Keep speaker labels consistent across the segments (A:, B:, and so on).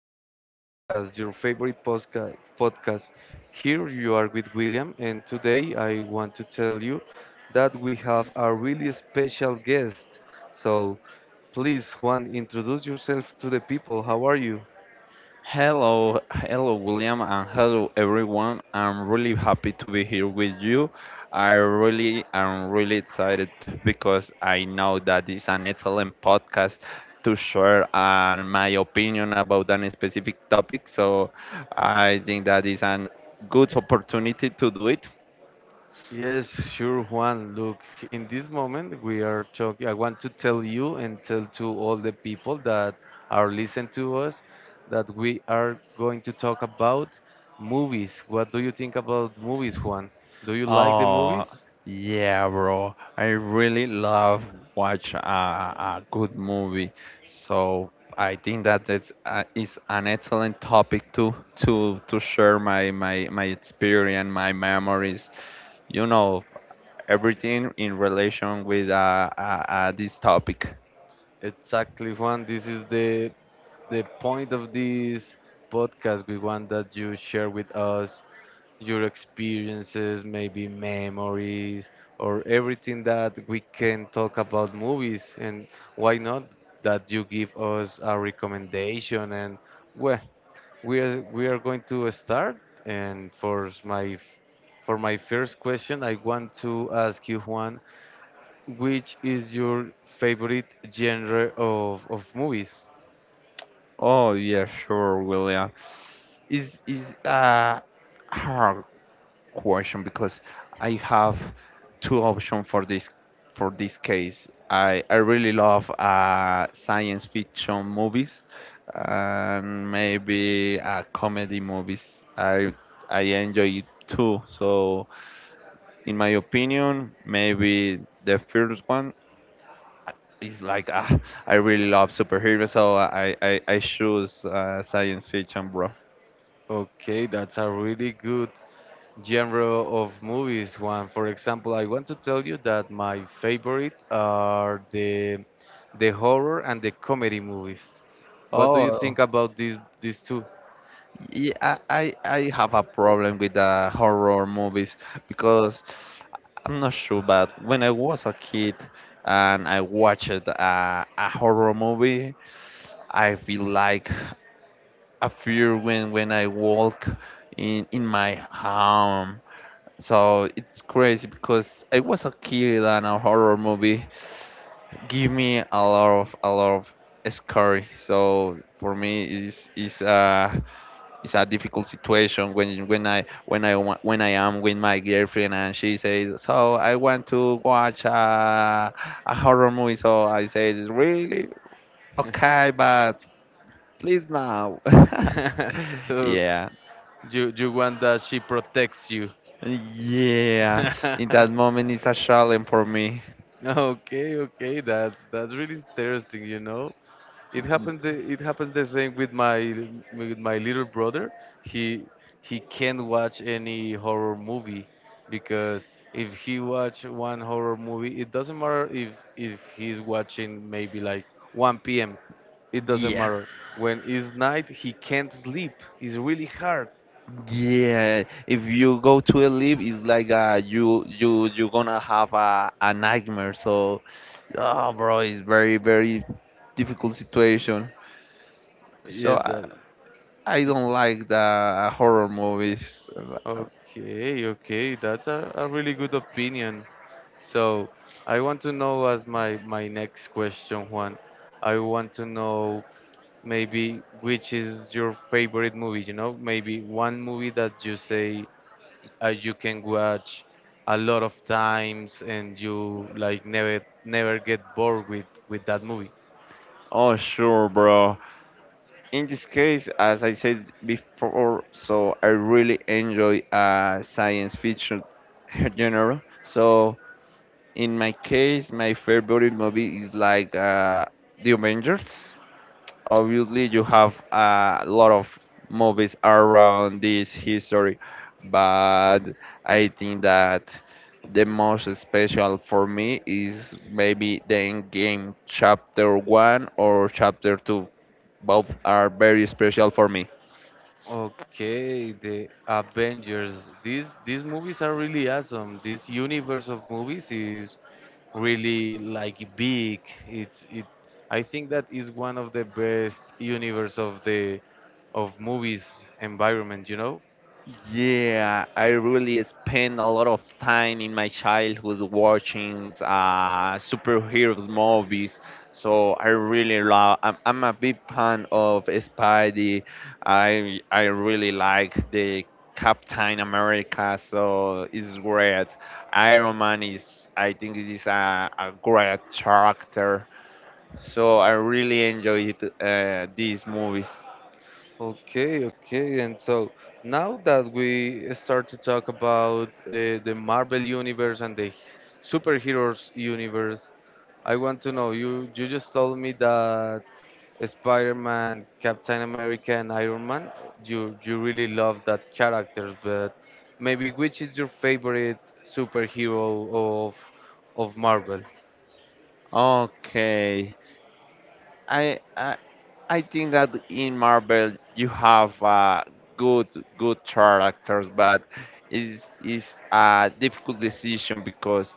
A: this podcast, your favorite podcast. Here you are with William, and today I want to tell you that we have a really special guest. So, please, Juan, introduce yourself to the people. How are you?
B: Hello, hello, William, and hello, everyone. I'm really happy to be here with you. I really am really excited because I know that it's an excellent podcast to share my opinion about any specific topic. So I think that is a good opportunity to do it.
A: Yes, sure, Juan. Look, in this moment, we are talking. I want to tell you and tell to all the people that are listening to us that we are going to talk about movies. What do you think about movies, Juan? Do you like the
B: Oh,
A: movies?
B: yeah, bro. I really love watch a good movie. So I think that it's is an excellent topic to to share my experience, my memories. You know, everything in relation with this topic.
A: Exactly, Juan. This is the point of this podcast. We want that you share with us your experiences, maybe memories, or everything that we can talk about movies. And why not that you give us a recommendation? And well, we are going to start. And for my first question, I want to ask you, Juan, which is your favorite genre of movies?
B: Oh yeah, sure, William. Is hard question because I have two options for this case. I really love science fiction movies and maybe comedy movies. I enjoy it too. So in my opinion, maybe the first one is like I really love superheroes, so I choose science fiction, bro.
A: Okay, that's a really good genre of movies. One, for example, I want to tell you that my favorite are the horror and the comedy movies. What do you
B: Oh,
A: think about these two?
B: yeah, I have a problem with the horror movies because I'm not sure, but when I was a kid and I watched a horror movie, I feel like a fear when I walk in my home. So it's crazy because I was a kid and a horror movie give me a lot of scary. So for me, it's a difficult situation when when I am with my girlfriend and she says, "So I want to watch a horror movie." So I say, "Really? Okay, but please now."
A: So
B: Yeah,
A: you want that she protects you.
B: yeah. In that moment, it's a challenge for me.
A: Okay, okay, that's really interesting. It happened. It happened the same with my little brother. He he can't watch any horror movie because if he watch one horror movie, it doesn't matter if he's watching maybe like 1 p.m. It doesn't
B: Yeah.
A: matter. When it's night, he can't sleep. It's really hard.
B: Yeah, if you go to a leap, it's like you're gonna have a nightmare. So, oh, bro, it's very difficult situation.
A: Yeah,
B: So I
A: it's
B: don't like the horror movies.
A: okay. Okay, that's a really good opinion. So I want to know as my next question, Juan. I want to know maybe which is your favorite movie, you know? Maybe one movie that you say you can watch a lot of times and you like never get bored with that movie.
B: Oh, sure, bro. In this case, as I said before, so I really enjoy science fiction genre. So in my case, my favorite movie is like The Avengers. Obviously you have a lot of movies around this history, but I think that the most special for me is maybe the end game chapter 1 or chapter 2. Both are very special for me.
A: Okay, the Avengers. These movies are really awesome. This universe of movies is really like big. It's it. I think that is one of the best universe of movies environment.
B: Yeah, I really spent a lot of time in my childhood watching superheroes movies. So I really love. I'm a big fan of Spidey. I really like the Captain America. So it's great. Iron Man is. I think it is a great character. So I really enjoyed these movies.
A: Okay, okay. And so now that we start to talk about the Marvel universe and the superheroes universe, I want to know you. You just told me that. Spider-Man, Captain America, and Iron Man, you really love that characters, but maybe which is your favorite superhero of Marvel?
B: Okay. I I I think that in Marvel you have good good characters, but is a difficult decision because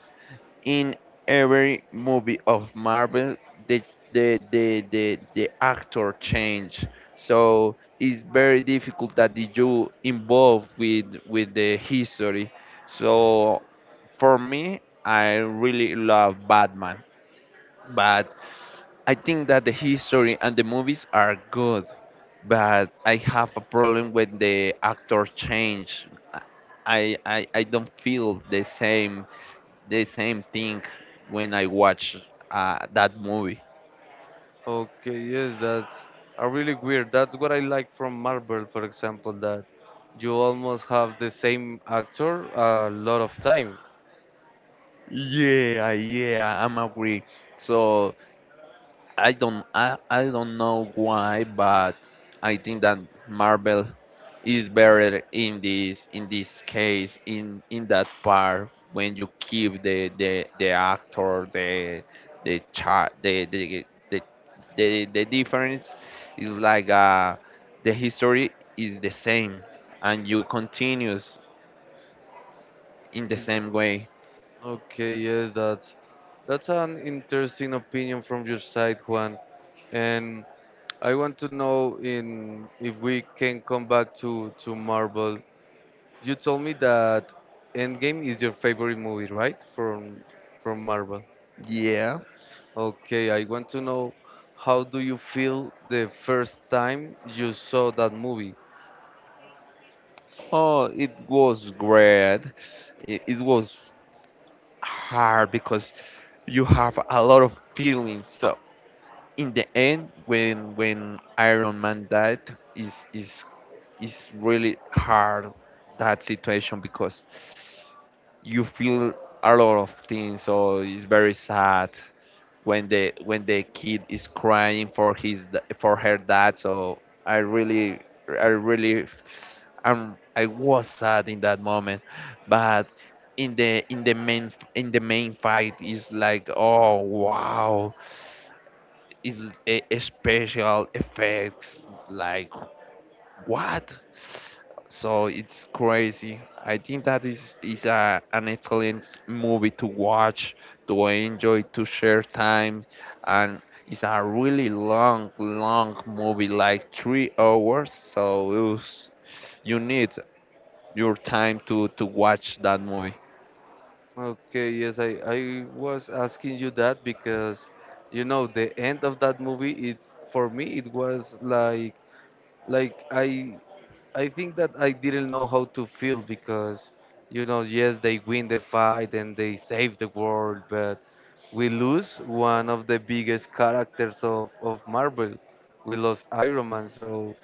B: in every movie of Marvel the the actor change. So it's very difficult that you involve with the history. So for me, I really love Batman, but I think that the history and the movies are good, but I have a problem when the actors change. I don't feel the same thing when I watch that movie.
A: Okay, yes, that's a really weird. That's what I like from Marvel, for example, that you almost have the same actor a lot of time.
B: Yeah, yeah, I'm agree. So I don't know why, but I think that Marvel is better in this case in that part when you keep the actor the child the difference is like the history is the same and you continues in the same way.
A: Okay, yes, that's an interesting opinion from your side, Juan. And I want to know in if we can come back to Marvel. You told me that Endgame is your favorite movie, right? From Marvel.
B: Yeah.
A: Okay, I want to know how do you feel the first time you saw that movie?
B: Oh, it was great. It was hard because you have a lot of feelings. So in the end, when Iron Man died, is is is really hard that situation because you feel a lot of things, so it's very sad when the kid is crying for his for her dad. So i really i really I was sad in that moment, but in the main fight is like, oh wow, is a special effects like what? So it's crazy. I think that is an excellent movie to watch, to enjoy, to share time, and it's a really long, long movie, like 3 hours. So it was, you need your time to watch that movie.
A: Okay, yes, I was asking you that because the end of that movie it's for me it was like like I think that I didn't know how to feel because, yes, they win the fight and they save the world, but we lose one of the biggest characters of Marvel. We lost Iron Man, so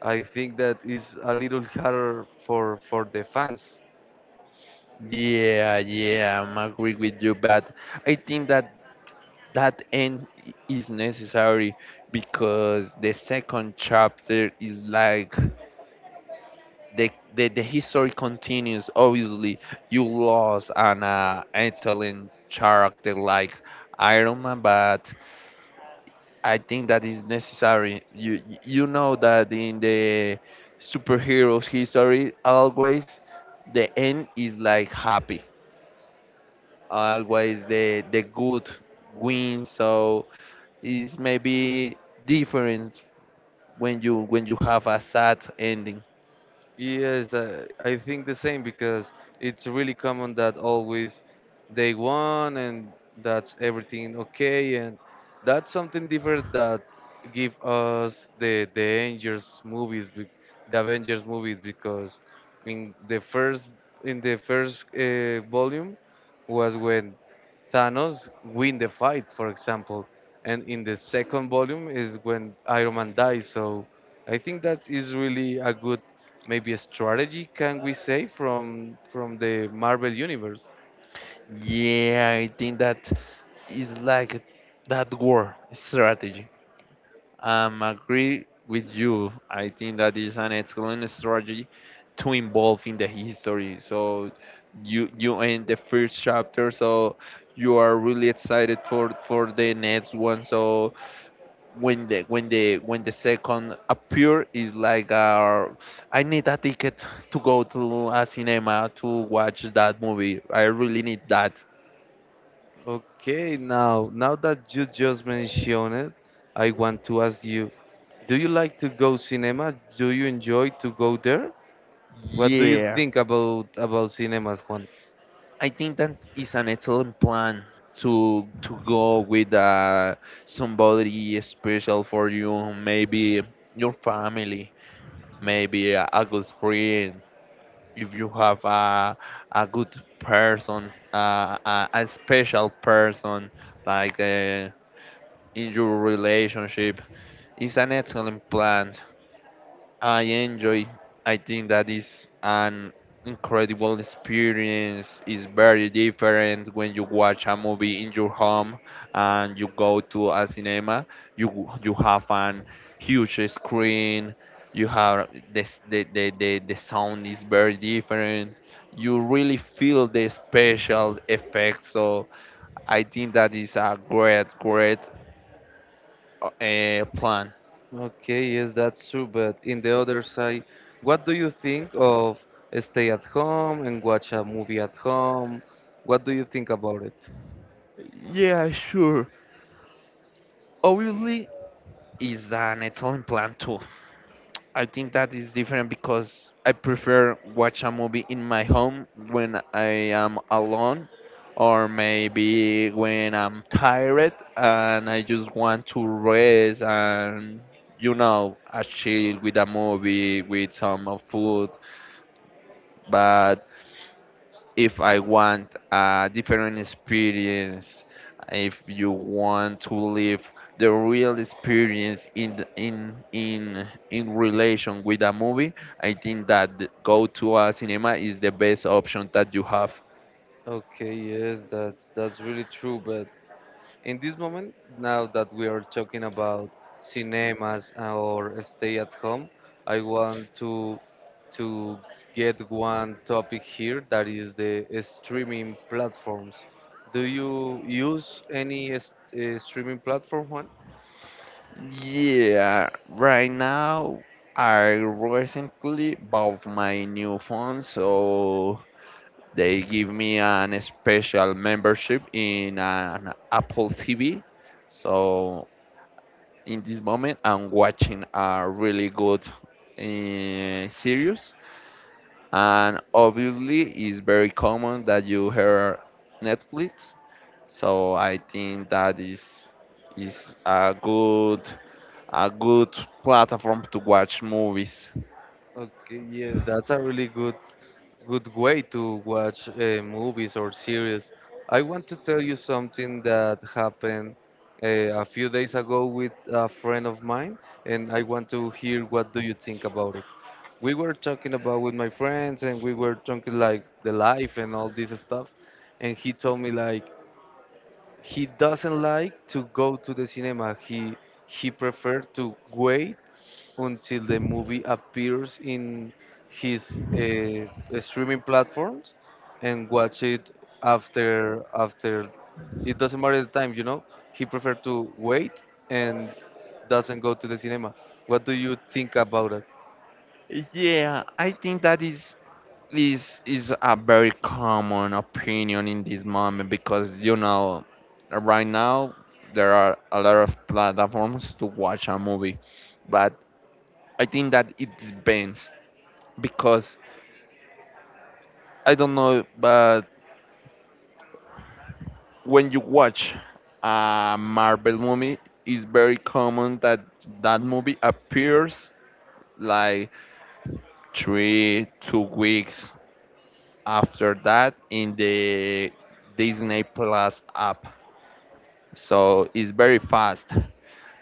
A: I think that is a little harder for the fans.
B: Yeah, yeah, I'm agree with you, but I think that that is necessary because the second chapter is like the history continues. Obviously, you lost an excellent character like Iron Man, but I think that is necessary. You know that in the superheroes history, always the end is like happy. Always the good wins. So it's maybe different when you have a sad ending.
A: Yes, I think the same because it's really common that always they won and that's everything okay and that's something different that give us the Avengers movies because in the first in the first volume was when Thanos win the fight, for example, and in the second volume is when Iron Man dies. So I think that is really a good maybe a strategy can we say from the Marvel universe.
B: Yeah, I think that is like that war strategy. I'm agree with you. I think that is an excellent strategy to involve in the history. So you end the first chapter, so you are really excited for the next one. So when the second appear is like I need a ticket to go to a cinema to watch that movie. I really need that.
A: Okay, now that you just mentioned it, I want to ask you, do you like to go cinema? Do you enjoy to go there? What do you
B: Yeah,
A: think about cinemas, Juan?
B: I think that is an excellent plan to go with somebody special for you, maybe your family, maybe a good friend. If you have a good person, a special person like in your relationship, it's an excellent plan I enjoy. I think that is an incredible experience. It's very different when you watch a movie in your home and you go to a cinema. You have an huge screen. You have this, the sound is very different. You really feel the special effects. So I think that is a great, great plan.
A: Okay, yes, that's true, but in the other side, what do you think of stay at home and watch a movie at home? What do you think about it?
B: Yeah, sure. Obviously, is an Italian plan too. I think that is different because I prefer watch a movie in my home when I am alone or maybe when I'm tired and I just want to rest and, you know, a chill with a movie, with some food. But if I want a different experience, if you want to live the real experience in relation with a movie, I think that go to a cinema is the best option that you have.
A: Okay, yes, that's really true. But in this moment, now that we are talking about cinemas or stay at home, I want to get one topic here that is the streaming platforms. Do you use any streaming platform, Juan?
B: Yeah, right now I recently bought my new phone, so they give me an special membership in an Apple TV. So in this moment I'm watching a really good series, and obviously it's very common that you hear Netflix. So I think that is a good platform to watch movies.
A: Okay, yes, that's a really good way to watch movies or series. I want to tell you something that happened uh, a few days ago with a friend of mine, and I want to hear what do you think about it. We were talking about with my friends, and we were talking like the life and all this stuff, and he told me like, he doesn't like to go to the cinema. He prefer to wait until the movie appears in his streaming platforms and watch it after. It doesn't matter the time. He prefer to wait and doesn't go to the cinema. What do you think about it?
B: Yeah, I think that is— this is a very common opinion in this moment because, you know, right now there are a lot of platforms to watch a movie, but I think that it depends because I don't know, but when you watch a Marvel movie, it's very common that that movie appears like 3 two weeks after that in the Disney Plus app. So it's very fast.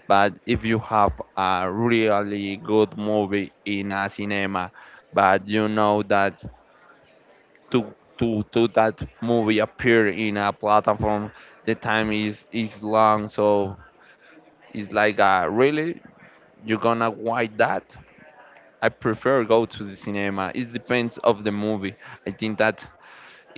B: But if you have a really good movie in a cinema, but you know that to that movie appear in a platform, the time is long, so it's like really, you're gonna wait that? I prefer go to the cinema. It depends of the movie. I think that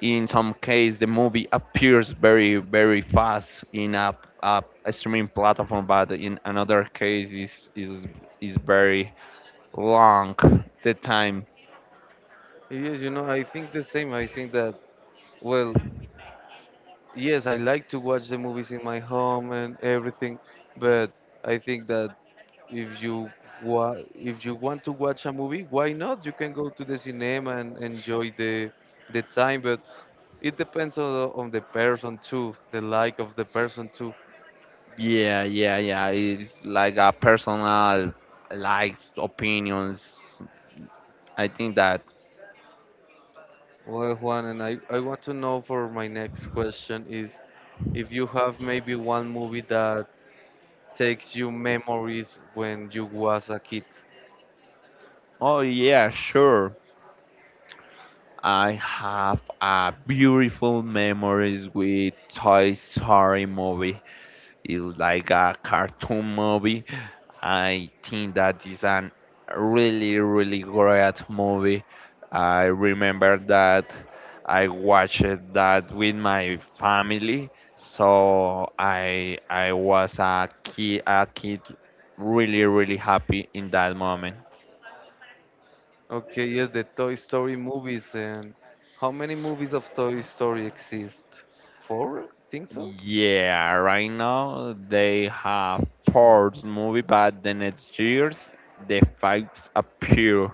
B: in some case the movie appears very fast in a streaming platform, but in another case is is very long the time.
A: Yes, I think the same. I think that, well, yes, I like to watch the movies in my home and everything, but I think that if you if you want to watch a movie, why not? You can go to the cinema and enjoy the time, but it depends on the person too, the like of the person too.
B: Yeah, yeah, yeah, it's like a personal likes opinions I think that.
A: Well, Juan, and I want to know for my next question is if you have maybe one movie that takes you memories when you was a kid.
B: Oh yeah, sure, I have a beautiful memories with Toy Story movie. It's like a cartoon movie. I think that is an really, really great movie. I remember that I watched that with my family. So I was a kid really, really happy in that moment.
A: Okay, yes, the Toy Story movies and how many movies of Toy Story exist? Four? Think so?
B: Yeah, right now they have fourth movie, but the next years the fives appear.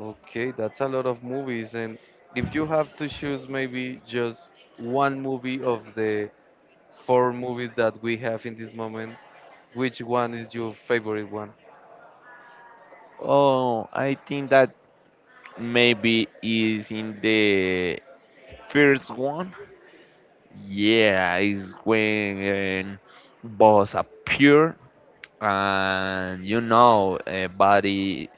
A: Okay, that's a lot of movies. And if you have to choose maybe just one movie of the four movies that we have in this moment, which one is your favorite one?
B: Oh, I think that maybe is in the first one. Yeah, is when boss appear and you know body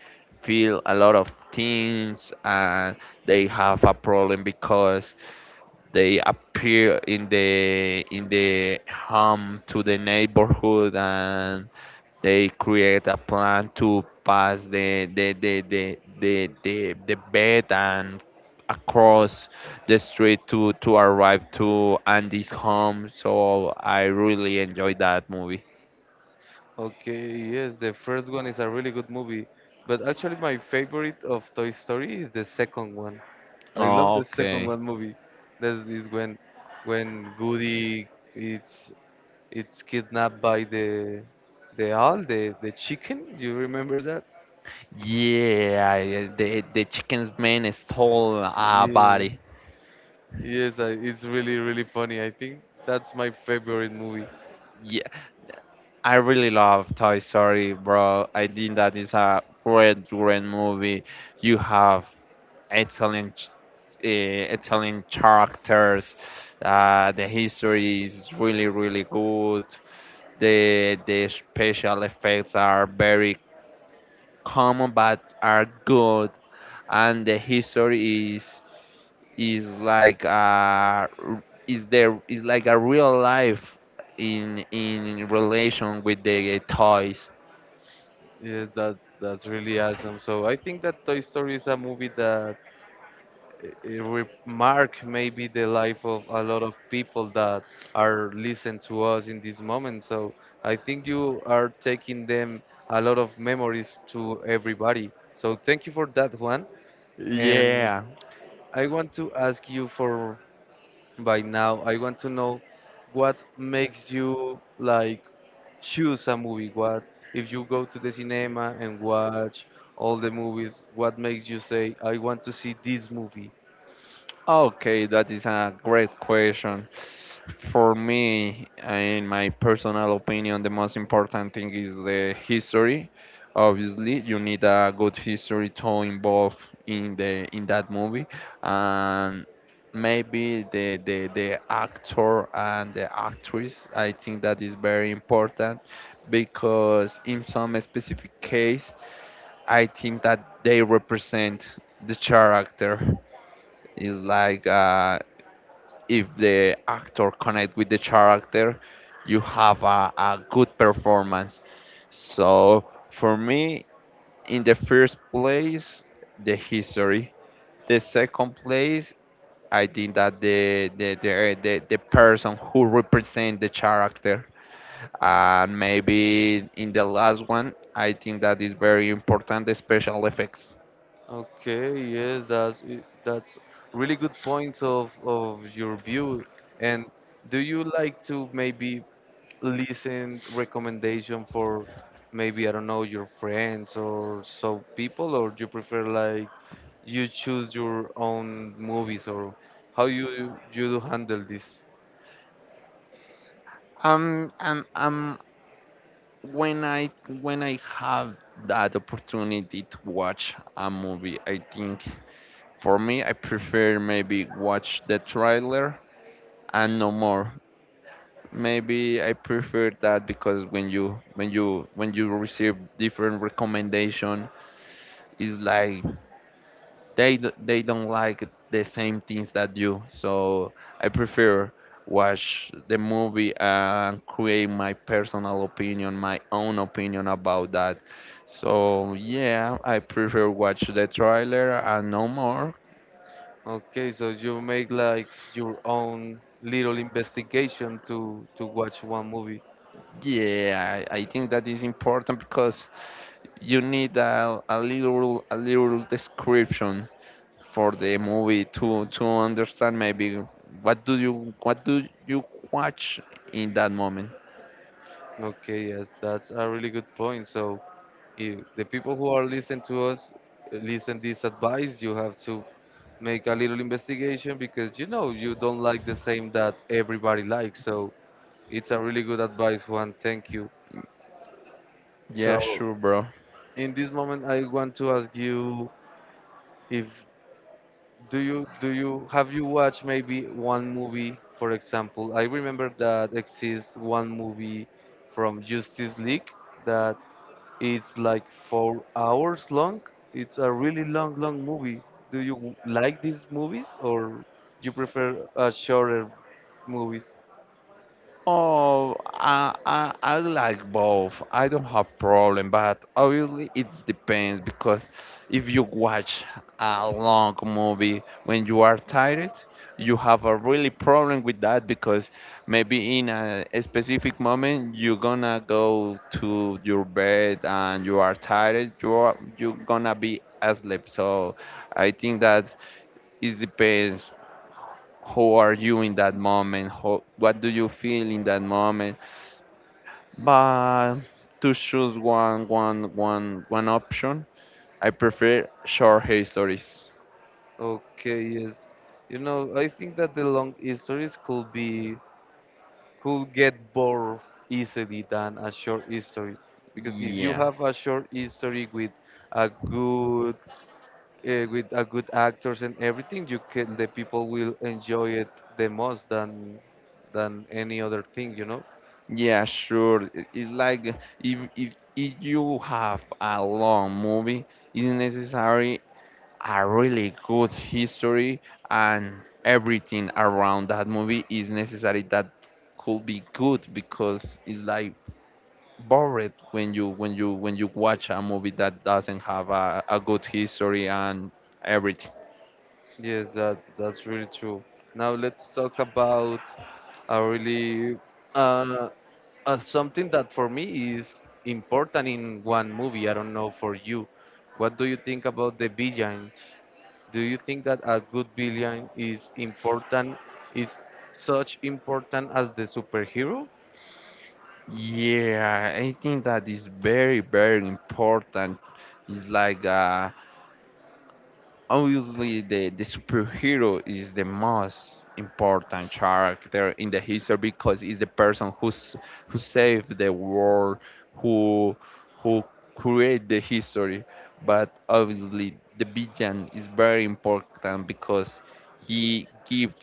B: feel a lot of things and they have a problem because they appear in the home to the neighborhood and they create a plan to pass the bed and across the street to arrive to Andy's home. So I really enjoyed that movie.
A: Okay, yes, the first one is a really good movie. But actually, my favorite of Toy Story is the second one. I love
B: Oh,
A: the second
B: okay.
A: one movie. That is when Goody it's it's kidnapped by the owl, the chicken. Do you remember that?
B: Yeah, yeah, the chicken's man stole a
A: Yeah.
B: body.
A: Yes, it's really funny. I think that's my favorite movie.
B: Yeah, I really love Toy Story, bro. I think that is a great, great movie. You have Italian Italian characters. The history is really really good. The special effects are very common but are good, and the history is like is there is like a real life in relation with the toys.
A: Yes, that's really awesome. So I think that Toy Story is a movie that it remark maybe the life of a lot of people that are listening to us in this moment. So I think you are taking them a lot of memories to everybody. So thank you for that, Juan. And
B: Yeah.
A: I want to ask you for by now, I want to know what makes you like choose a movie. What if you go to the cinema and watch all the movies? What makes you say, I want to see this movie?
B: Okay, that is a great question. For me, in my personal opinion, the most important thing is the history. Obviously, you need a good history to involve in the in that movie, and maybe the actor and the actress. I think that is very important because in some specific case, I think that they represent the character is like if the actor connect with the character, you have a good performance. So for me, in the first place, the history. The second place, I think that the person who represent the character. And maybe in the last one, I think that is very important the special effects.
A: Okay, yes, that's really good points of your view. And do you like to maybe listen recommendation for maybe I don't know your friends or so people, or you prefer like you choose your own movies or how you do handle this?
B: I'm when I when I have that opportunity to watch a movie, I think for me I prefer maybe watch the trailer and no more. Maybe I prefer that because when you receive different recommendation, it's like they don't like the same things that you. So I prefer watch the movie and create my personal opinion, my own opinion about that. So yeah, I prefer watch the trailer and no more.
A: Okay, so you make like your own little investigation to watch one movie.
B: Yeah, I think that is important because you need a little description for the movie to understand maybe what do you watch in that moment.
A: Okay, yes, that's a really good point. So, if the people who are listening to us listen this advice, you have to make a little investigation because you know you don't like the same that everybody likes. So, it's a really good advice, Juan. Thank you.
B: Yeah,
A: So,
B: sure, bro.
A: in this moment, I want to ask you if do you do you have you watched maybe one movie, for example? I remember that exists one movie from Justice League that It's like 4 hours long. It's a really long, long movie. Do you like these movies or you prefer shorter movies?
B: Oh, I like both. I don't have problem, but obviously it depends because if you watch a long movie when you are tired, you have a really problem with that because maybe in a specific moment you're gonna go to your bed and you are tired. You gonna be asleep. So I think that it depends how are you in that moment how, what do you feel in that moment but to choose one option, I prefer short histories.
A: Okay, yes. I think that the long histories could be could get bored easily than a short history because if you
B: Yeah,
A: have a short history with a good a good actors and everything, you can the people will enjoy it the most than any other thing.
B: yeah, sure. I- it's like if you have a long movie, it's necessary a really good history and everything around that movie is necessary that could be good because it's like bored when you watch a movie that doesn't have a good history and everything.
A: Yes, that's really true. Now let's talk about a really uh, something that for me is important in one movie. I don't know for you. What do you think about the villains? Do you think that a good villain is important, is such important as the superhero?
B: Yeah, I think that is very very important. It's like obviously the superhero is the most important character in the history because it's the person who's who saved the world who who create the history but obviously the villain is very important because he give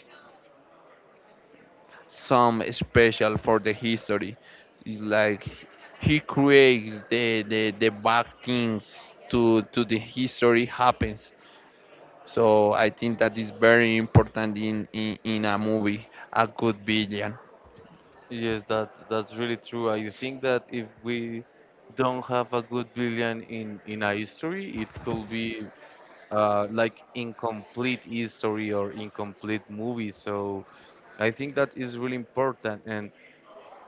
B: some special for the history. It's like he creates the bad things to the history happens. So I think that is very important in a movie, a good villain.
A: Yes, that's really true. I think that if we don't have a good villain in a history, it could be like incomplete history or incomplete movie. So I think that is really important. And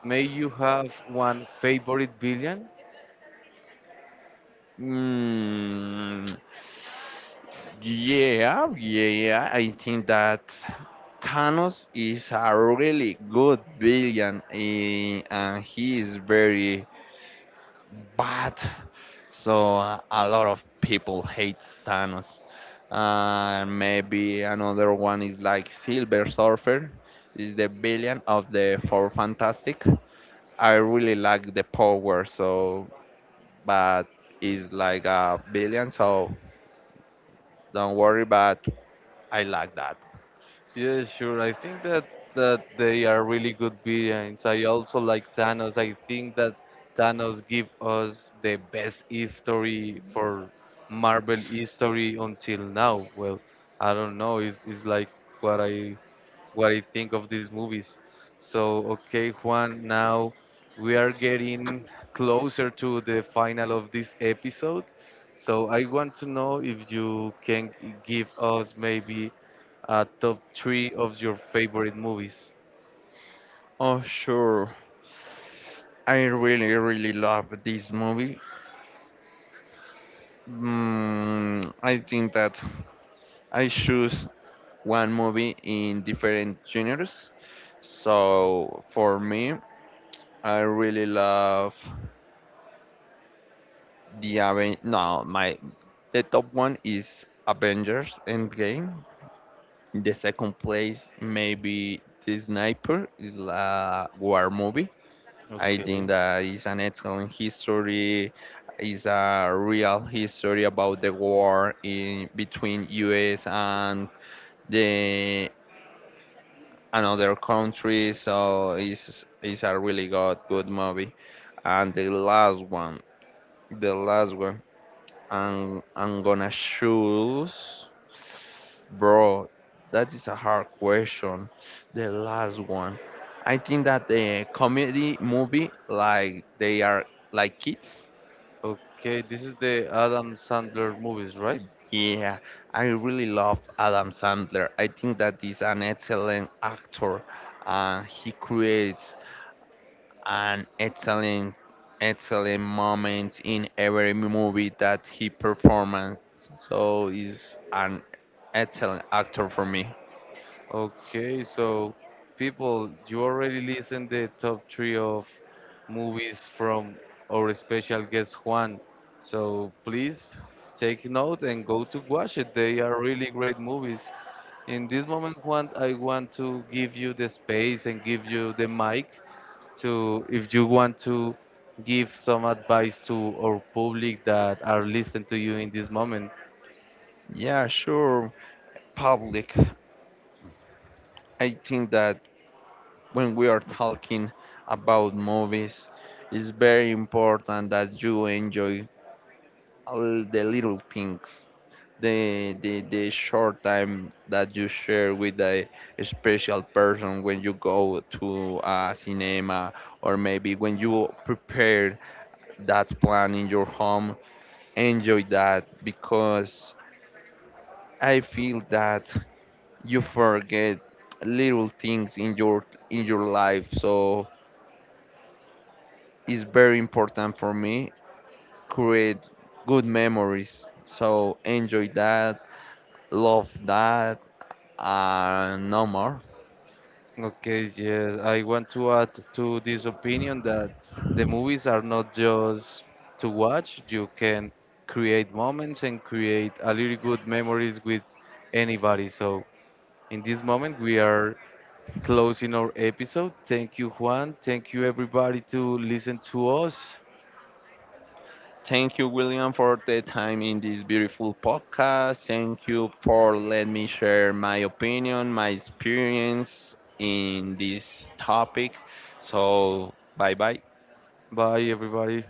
A: may you have one favorite villain?
B: Mm, yeah. I think that Thanos is a really good villain eh, and he is very bad. So a lot of people hate Thanos. Maybe another one is like Silver Surfer, is the villain of the Four Fantastic. I really like the power, so but it's like a billion, so don't worry. But I like that.
A: Yeah, sure. I think that they are really good villains. I also like Thanos. I think that Thanos give us the best history for Marvel history until now. Well, I don't know. It's like what I think of these movies. So, okay, Juan, now we are getting closer to the final of this episode. So, I want to know if you can give us maybe a top three of your favorite movies.
B: Oh sure, I really really love this movie. I think that I choose one movie in different genres. So for me, I really love the Aven. No, my the top one is Avengers Endgame. In the second place, maybe The Sniper is a war movie. I think
A: Okay.
B: that is an excellent history. It's a real history about the war in between U.S. and the another country. So it's a really good movie. And the last one I'm gonna choose, bro. That is a hard question. The last one. I think that the comedy movie, like they are like kids.
A: Okay, this is the Adam Sandler movies, right?
B: Yeah, I really love Adam Sandler. I think that he's an excellent actor. He creates an excellent moments in every movie that he performed. So he's an excellent actor for me.
A: Okay, so people, you already listened the top three of movies from our special guest Juan. So please take note and go to watch it. They are really great movies. In this moment, Juan, I want to give you the space and give you the mic to, if you want to give some advice to our public that are listening to you in this moment.
B: Yeah, sure. Public. I think that when we are talking about movies, it's very important that you enjoy all the little things, the short time that you share with a special person when you go to a cinema or maybe when you prepare that plan in your home, enjoy that because I feel that you forget little things in your life. So it's very important for me create good memories. So enjoy that, love that, and no more.
A: Okay, yes, I want to add to this opinion that the movies are not just to watch. You can create moments and create a really good memories with anybody. So in this moment, we are closing our episode. Thank you, Juan. Thank you, everybody, to listen to us.
B: Thank you, William, for the time in this beautiful podcast. Thank you for letting me share my opinion, my experience in this topic. So, bye bye.
A: Bye, everybody.